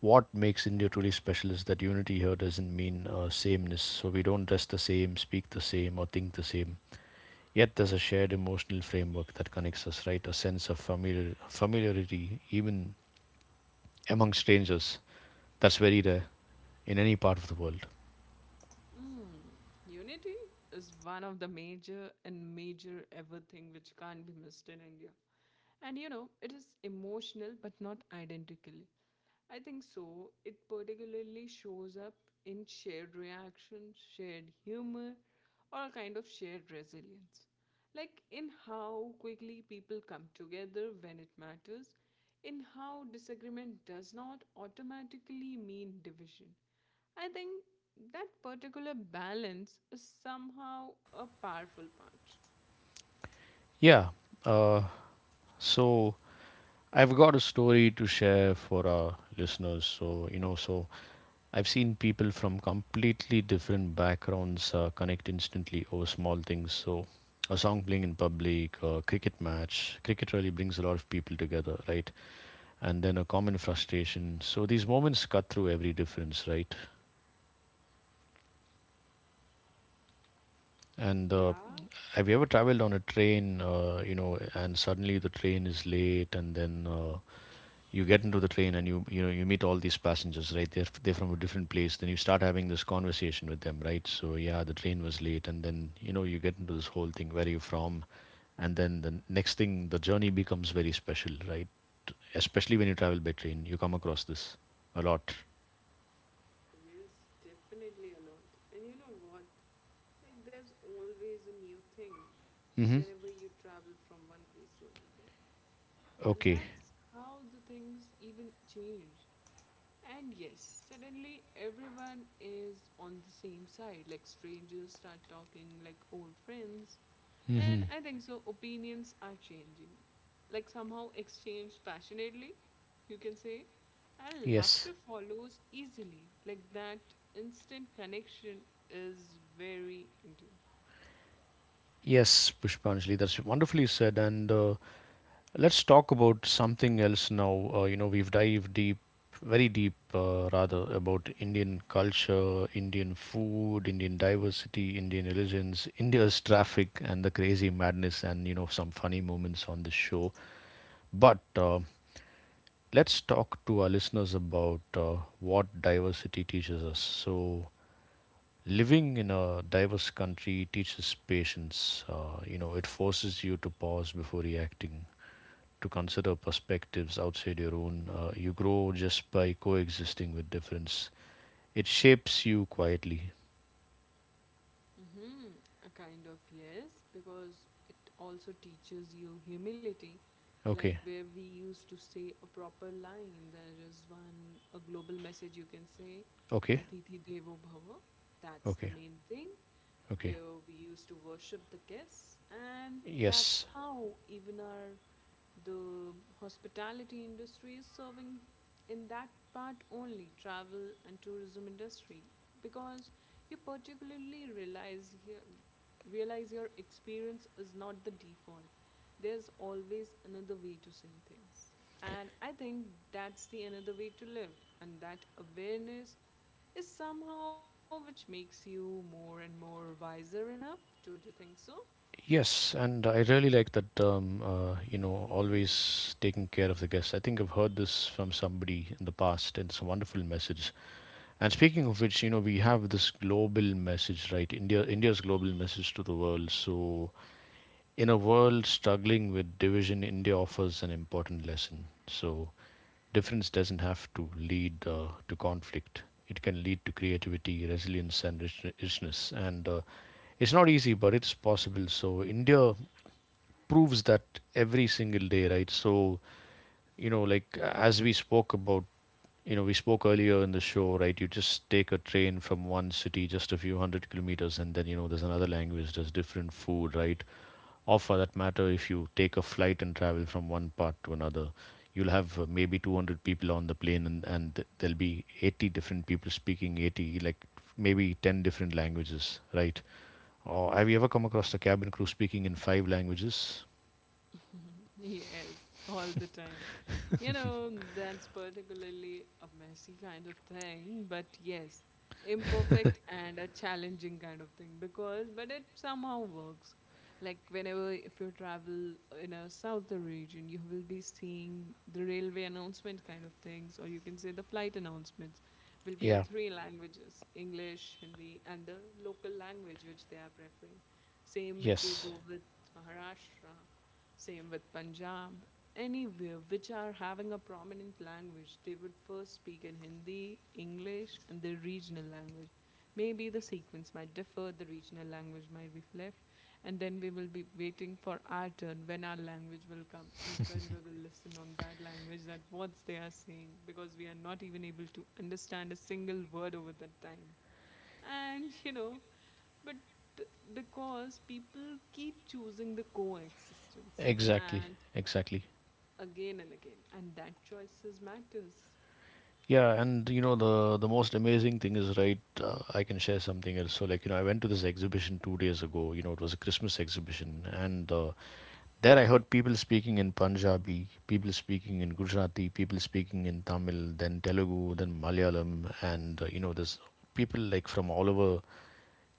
what makes India truly special is that unity here doesn't mean uh, sameness. So we don't dress the same, speak the same, or think the same. Yet there's a shared emotional framework that connects us, right? A sense of familiar familiarity, even among strangers. That's very rare in any part of the world. Mm. Unity is one of the major and major ever thing which can't be missed in India. And you know, it is emotional but not identically, I think so. It particularly shows up in shared reactions, shared humor, or a kind of shared resilience. Like in how quickly people come together when it matters, in how disagreement does not automatically mean division. I think that particular balance is somehow a powerful part. Yeah. Uh, so I've got a story to share for our listeners. So, you know, so I've seen people from completely different backgrounds uh, connect instantly over small things. So, a song playing in public, a cricket match, cricket really brings a lot of people together, right? And then a common frustration. So, these moments cut through every difference, right? Hmm, And uh, yeah. have you ever traveled on a train, uh, you know, and suddenly the train is late, and then uh, you get into the train and you you know you meet all these passengers, right? they're they're from a different place, then you start having this conversation with them, right? So yeah, the train was late, and then you know you get into this whole thing, where are you from? And then the next thing, the journey becomes very special, right? Especially when you travel by train you come across this a lot. Yes, definitely a lot. And you know what? Like there's always a new thing Mm-hmm. whenever you travel from one place to another. And Okay. that's how the things even change. And yes, suddenly everyone is on the same side. Like strangers start talking like old friends. Mm-hmm. And I think so, opinions are changing. Like somehow exchanged passionately, you can say. And Yes. laughter follows easily. Like that instant connection is very Indian. Yes, Pushpanjali, that's wonderfully said, and uh, let's talk about something else now. Uh, you know, we've dived deep, very deep, uh, rather, about Indian culture, Indian food, Indian diversity, Indian religions, India's traffic, and the crazy madness, and, you know, some funny moments on the show. But uh, let's talk to our listeners about uh, what diversity teaches us. So, living in a diverse country teaches patience. Uh, you know, it forces you to pause before reacting to consider perspectives outside your own. Uh, you grow just by coexisting with difference. It shapes you quietly. Mm-hmm. A kind of yes, because it also teaches you humility. Like Okay, where we used to say a proper line, there is one a global message you can say, okay, Atiti Devo Bhava. That's the okay, main thing. okay. Where we used to worship the guests, and that's Yes, how even our the hospitality industry is serving in that part only, travel and tourism industry, because you particularly realize here, realize your experience is not the default. There's always another way to see things, and I think that's the another way to live. And that awareness is somehow which makes you more and more wiser enough, don't you think so? yes, and I really like that term. uh, you know, Always taking care of the guests. I think I've heard this from somebody in the past, and it's a wonderful message. And speaking of which, you know, we have this global message, right? India, India's global message to the world. So in a world struggling with division, India offers an important lesson. So, difference doesn't have to lead uh, to conflict. It can lead to creativity, resilience, and rich- richness. And uh, it's not easy, but it's possible. So, India proves that every single day, right? So, you know, like as we spoke about, you know, we spoke earlier in the show, right? You just take a train from one city just a few hundred kilometers, and then, you know, there's another language, there's different food, right? Or for that matter, if you take a flight and travel from one part to another, you'll have uh, maybe two hundred people on the plane, and, and there'll be eighty different people speaking eighty, like maybe ten different languages, right? Or have you ever come across the cabin crew speaking in five languages? Yes, all the time. You know, that's particularly a messy kind of thing, but yes, imperfect and a challenging kind of thing because, but it somehow works. Like, whenever if you travel in a southern region, you will be seeing the railway announcement kind of things, or you can say the flight announcements will be on Yeah. three languages: English, Hindi, and the local language which they are preferring. Same if you Yes. go with Maharashtra, same with Punjab. Anywhere which are having a prominent language, they would first speak in Hindi, English, and their regional language. Maybe the sequence might differ, the regional language might be left, and then we will be waiting for our turn when our language will come and when we will listen on that language, that what they are saying, because we are not even able to understand a single word over that time. And you know, but because people keep choosing the coexistence Exactly. and Exactly. again and again, and that choices matters. Yeah, and you know, the the most amazing thing is, right, uh, I can share something else. So like, you know, I went to this exhibition two days ago. You know, it was a Christmas exhibition, and uh, there, I heard people speaking in Punjabi, people speaking in Gujarati, people speaking in Tamil, then Telugu, then Malayalam, and uh, you know, there's people like from all over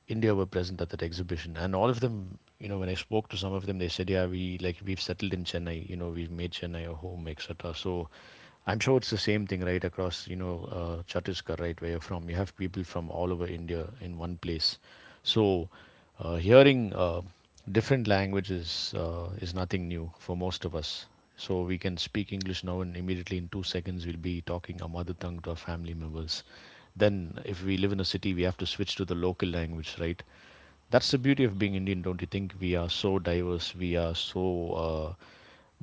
India were present at that exhibition, and all of them, you know, when I spoke to some of them, they said, "Yeah, we like we've settled in Chennai. You know, we've made Chennai a home, et cetera" So, I'm sure it's the same thing, right, across you know uh, Chhattisgarh, right, where you're from. You have people from all over India in one place. So, uh, hearing uh, different languages uh, is nothing new for most of us. So we can speak English now, and immediately in two seconds we'll be talking our mother tongue to our family members. Then if we live in a city, we have to switch to the local language, right? That's the beauty of being Indian. Don't you think? We are so diverse, we are so uh,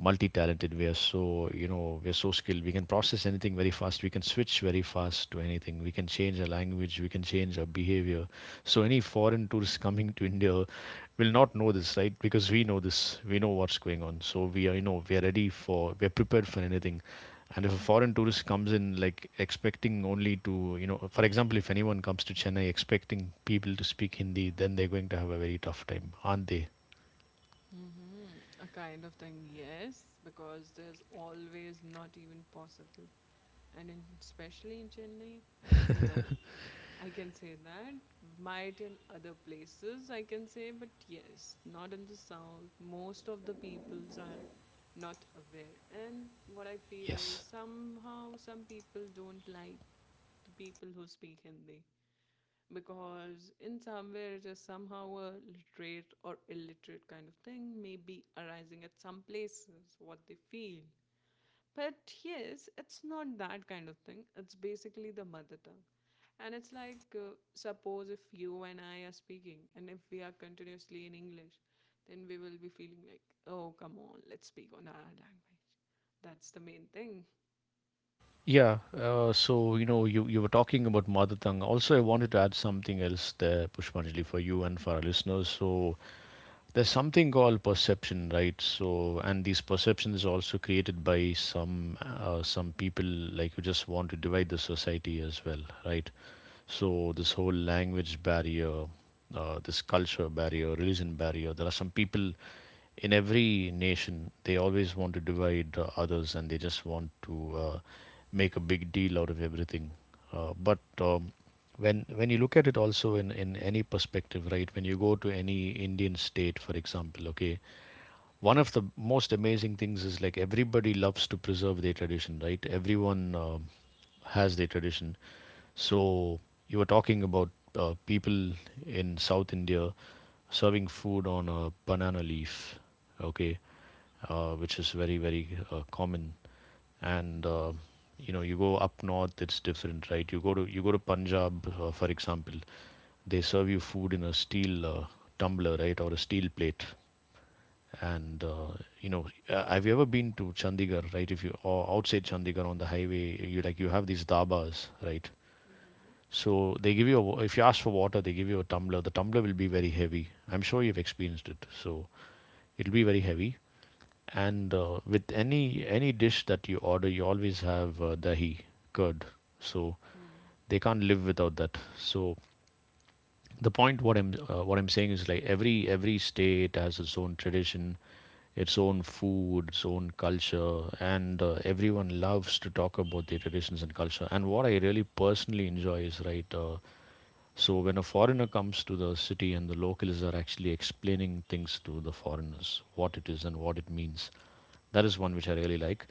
multi-talented, we are so, you know, we are so skilled. We can process anything very fast, we can switch very fast to anything, we can change our language, we can change our behavior. So any foreign tourist coming to India will not know this, right? Because we know this, we know what's going on, so we are, you know, we are ready for, we are prepared for anything. And if a foreign tourist comes in, like expecting only to, you know, for example, if anyone comes to Chennai expecting people to speak Hindi, then they're going to have a very tough time, aren't they? Mm-hmm. A kind of thing, yes, because there's always not even possible and in, especially in Chennai, no. I can say that. Might in other places, I can say, but yes, not in the south. Most of the peoples are not aware. And what I feel is Yes. somehow some people don't like the people who speak Hindi, because in somewhere it is somehow a literate or illiterate kind of thing may be arising at some places what they feel, but yes, it's not that kind of thing. It's basically the mother tongue. And it's like, uh, suppose if you and I are speaking, and if we are continuously in English, then we will be feeling like, oh, come on, let's speak on our language. That's the main thing. Yeah. Uh, so you know, you you were talking about mother tongue. Also, I wanted to add something else there, Pushpanjali, for you and for our listeners. So there's something called perception, right? So, and these perceptions is also created by some uh, some people like who just want to divide the society as well, right? So this whole language barrier, uh, this culture barrier, religion barrier, there are some people in every nation, they always want to divide uh, others, and they just want to uh, make a big deal out of everything. Uh, but um, when when you look at it also in, in any perspective, right? When you go to any Indian state, for example, okay, one of the most amazing things is like everybody loves to preserve their tradition, right? Everyone um has their tradition. So you were talking about uh, people in South India serving food on a banana leaf, okay, uh, which is very very uh, common. And uh, Hmm. you know, you go up north, it's different, right? You go to, you go to Punjab, uh, for example, they serve you food in a steel uh, tumbler, right, or a steel plate, and uh, you know, uh, have you ever been to Chandigarh, right? If you, or outside Chandigarh on the highway, you like, you have these dabas, right? So they give you a, wa- if you ask for water, they give you a tumbler. The tumbler will be very heavy. I'm sure you've experienced it. So it'll be very heavy. And uh, with any any dish that you order, you always have uh, dahi, curd. So Mm-hmm. they can't live without that. So the point what I'm uh, what I'm saying is like every every state has its own tradition, its own food, its own culture, and uh, everyone loves to talk about their traditions and culture. And what I really personally enjoy is, right. Uh, so when a foreigner comes to the city and the locals are actually explaining things to the foreigners, what it is and what it means, that is one which I really like.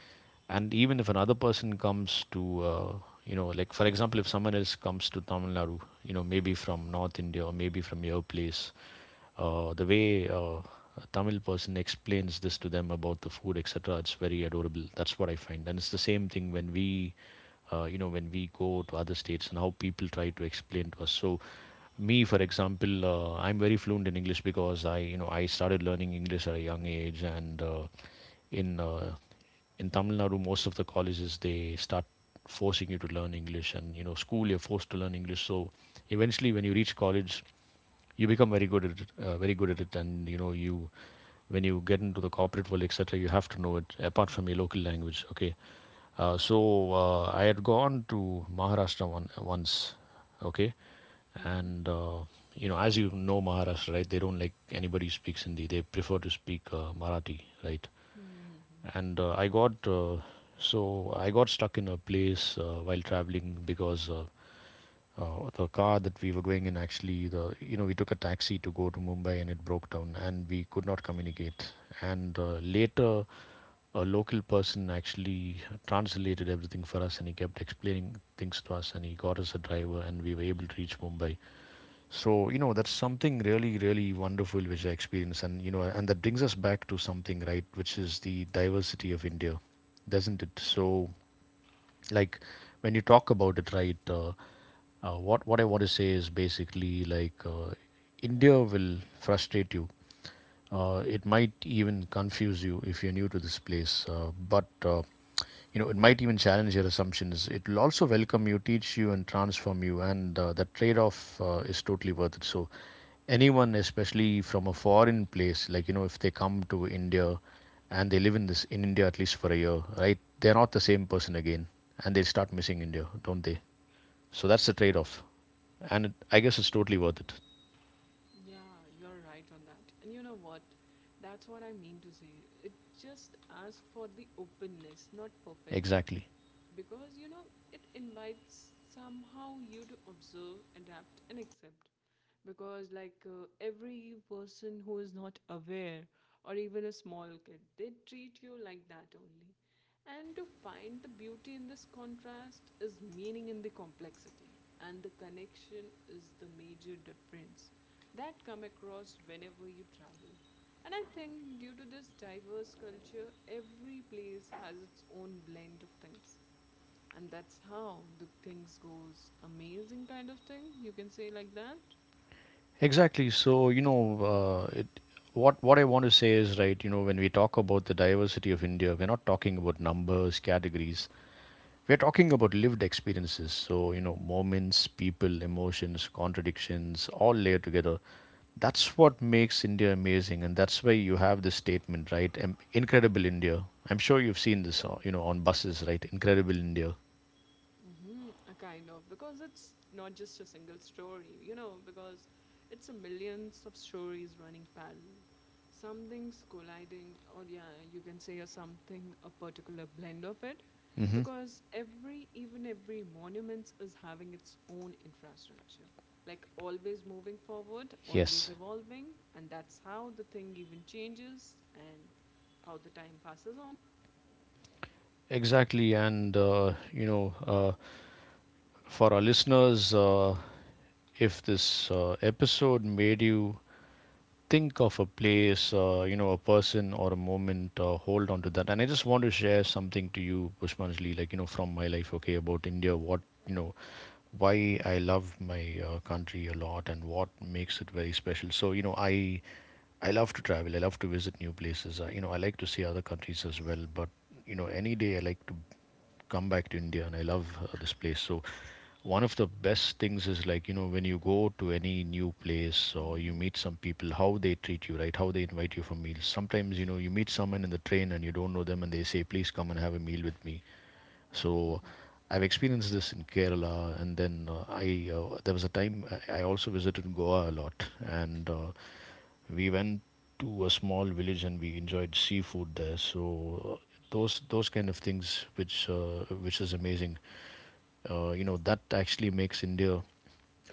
And even if another person comes to, uh, you know, like for example, if someone else comes to Tamil Nadu, you know, maybe from North India or maybe from your place, uh, the way uh, a Tamil person explains this to them about the food, et cetera, it's very adorable. That's what I find, and it's the same thing when we, uh, you know, when we go to other states and how people try to explain to us. So, me, for example, uh, I'm very fluent in English because I, you know, I started learning English at a young age, and uh, in uh, in Tamil Nadu, most of the colleges they start forcing you to learn English, and you know, school you're forced to learn English. So eventually, when you reach college, you become very good at it, uh, very good at it, and you know you, when you get into the corporate world, et cetera. You have to know it apart from your local language. Okay, uh, so uh, I had gone to Maharashtra one, once. Okay, Mm-hmm. and uh, you know, as you know, Maharashtra, right? They don't like anybody who speaks Hindi. They prefer to speak uh, Marathi, right? Mm-hmm. And uh, I got uh, so I got stuck in a place uh, while traveling because. Uh, uh, the car that we were going in, actually, the, you know, we took a taxi to go to Mumbai and it broke down and we could not communicate, and uh, later a local person actually translated everything for us, and he kept explaining things to us, and he got us a driver, and we were able to reach Mumbai. So you know, that's something really really wonderful which I experienced. And you know, and that brings us back to something, right, which is the diversity of India, doesn't it? So like, when you talk about it, right, uh, uh, what what I want to say is basically like, uh, India will frustrate you, uh, it might even confuse you if you're new to this place, uh, but uh, you know, it might even challenge your assumptions, it will also welcome you, teach you and transform you, and uh, that trade off uh, is totally worth it. So anyone, especially from a foreign place, like you know, if they come to India and they live in this, in India, at least for a year, right, they're not the same person again, and they start missing India, don't they? So that's the trade off, and it, I guess it's totally worth it. Yeah, you're right on that. And you know what? That's what I mean to say. It just asks for the openness, not perfection. Exactly, Because you know, it invites somehow you to observe, adapt, and accept. Because, like, uh, every person who is not aware, or even a small kid, they treat you like that only. And to find the beauty in this contrast is meaning in the complexity, and the connection is the major difference that come across whenever you travel. And I think due to this diverse culture, every place has its own blend of things, and that's how the things goes amazing kind of thing, you can say like that. exactly. So you know uh, it, what what I want to say is, right, you know, when we talk about the diversity of India, we're not talking about numbers, categories. We're talking about lived experiences, so you know, moments, people, emotions, contradictions, all layered together. That's what makes India amazing, and that's why you have this statement, right? Um, Incredible India. I'm sure you've seen this, uh, you know, on buses, right? Incredible India. Mm-hmm, a kind of because it's not just a single story, you know, because it's a millions of stories running parallel. Something's colliding, or yeah, you can say a something, a particular blend of it, Hmm. because every even every monuments is having its own infrastructure, like always moving forward, always Yes, evolving, and that's how the thing even changes and how the time passes on. exactly. And, uh, you know, uh, for our listeners, uh, if this uh, episode made you think of a place, uh, you know, a person or a moment, uh, hold on to that. And I just want to share something to you, Pushpanjali, like, you know, from my life, okay, about India, what, you know, why I love my uh, country a lot and what makes it very special. So, you know, I I love to travel. I love to visit new places. Uh, you know, I like to see other countries as well. But you know, any day I like to come back to India, and I love uh, this place. So, one of the best things is like, you know, when you go to any new place or you meet some people, how they treat you, right? How they invite you for meals. Sometimes, you know, you meet someone in the train and you don't know them and they say, please come and have a meal with me. So Mm-hmm. I've experienced this in Kerala, and then uh, I uh, there was a time I I also visited Goa a lot, and uh, we went to a small village and we enjoyed seafood there. So uh, those those kind of things, which uh, which is amazing. Uh, you know, that actually makes India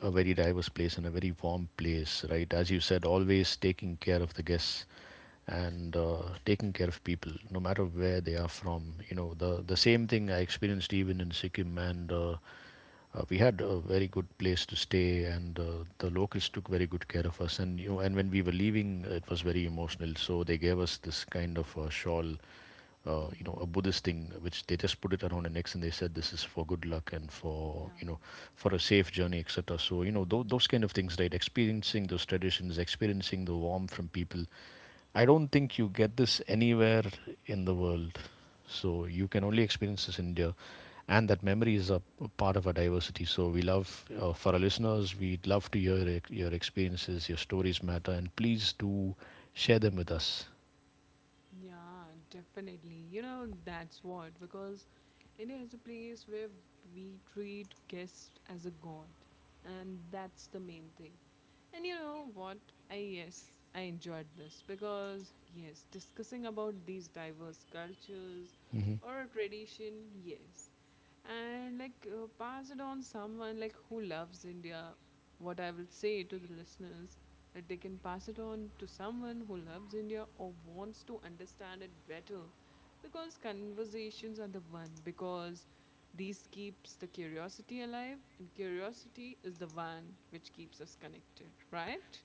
a very diverse place and a very warm place, right? As you said, always taking care of the guests, and uh, taking care of people no matter where they are from. You know the the same thing I experienced even in Sikkim, and uh, uh, we had a very good place to stay, and uh, the locals took very good care of us. And you know and when we were leaving, it was very emotional, so they gave us this kind of uh, shawl, uh, you know a Buddhist thing, which they just put it around our necks, and they said this is for good luck and for Yeah. you know for a safe journey, etc. So you know th- Mm-hmm. those kind of things, right? Experiencing those traditions, experiencing the warmth from people. I don't think you get this anywhere in the world. So you can only experience this in India. And that memory is a p- part of our diversity. So we love, uh, for our listeners, we'd love to hear e- your experiences, your stories matter, and please do share them with us. Yeah, definitely. You know, that's what, because India is a place where we treat guests as a god, and that's the main thing. And you know what? I yes, I enjoyed this, because yes, discussing about these diverse cultures Hmm. or tradition, yes. And like uh, pass it on someone like who loves India, what I will say to the listeners, that they can pass it on to someone who loves India or wants to understand it better, because conversations are the one, because these keeps the curiosity alive, and curiosity is the one which keeps us connected, right?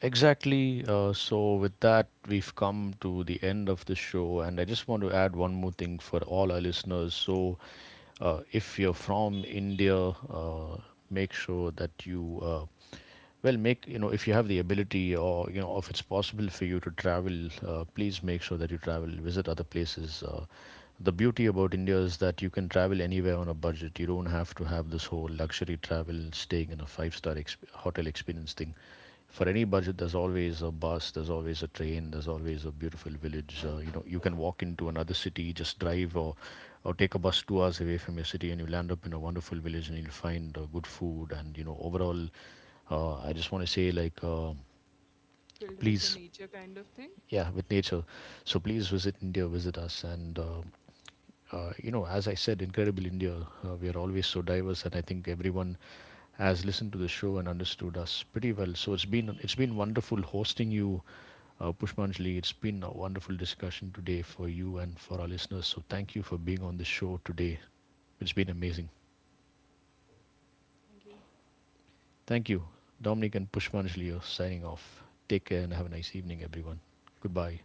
Exactly. Uh, so, with that, we've come to the end of the show, and I just want to add one more thing for all our listeners. So, uh, if you're from India, uh, make sure that you uh, well, make you know if you have the ability, or you know if it's possible for you to travel, uh, please make sure that you travel, visit other places. Uh, the beauty about India is that you can travel anywhere on a budget. You don't have to have this whole luxury travel, staying in a five-star exp- hotel experience thing. For any budget, there's always a bus, there's always a train, there's always a beautiful village. uh, you know you can walk into another city, just drive, or or take a bus two hours away from your city, and you land up in a wonderful village, and you'll find uh, good food, and you know overall, uh, I just want to say, like, uh, Filled with the please. nature kind of thing. Yeah, with nature. So please visit India, visit us, and uh, uh, you know, as I said, Incredible India, uh, we are always so diverse, and I think everyone has listened to the show and understood us pretty well. So it's been it's been wonderful hosting you, uh, Pushpanjali. It's been a wonderful discussion today for you and for our listeners. So thank you for being on the show today. It's been amazing. Thank you. Thank you, Dominic and Pushpanjali. Are signing off. Take care and have a nice evening, everyone. Goodbye.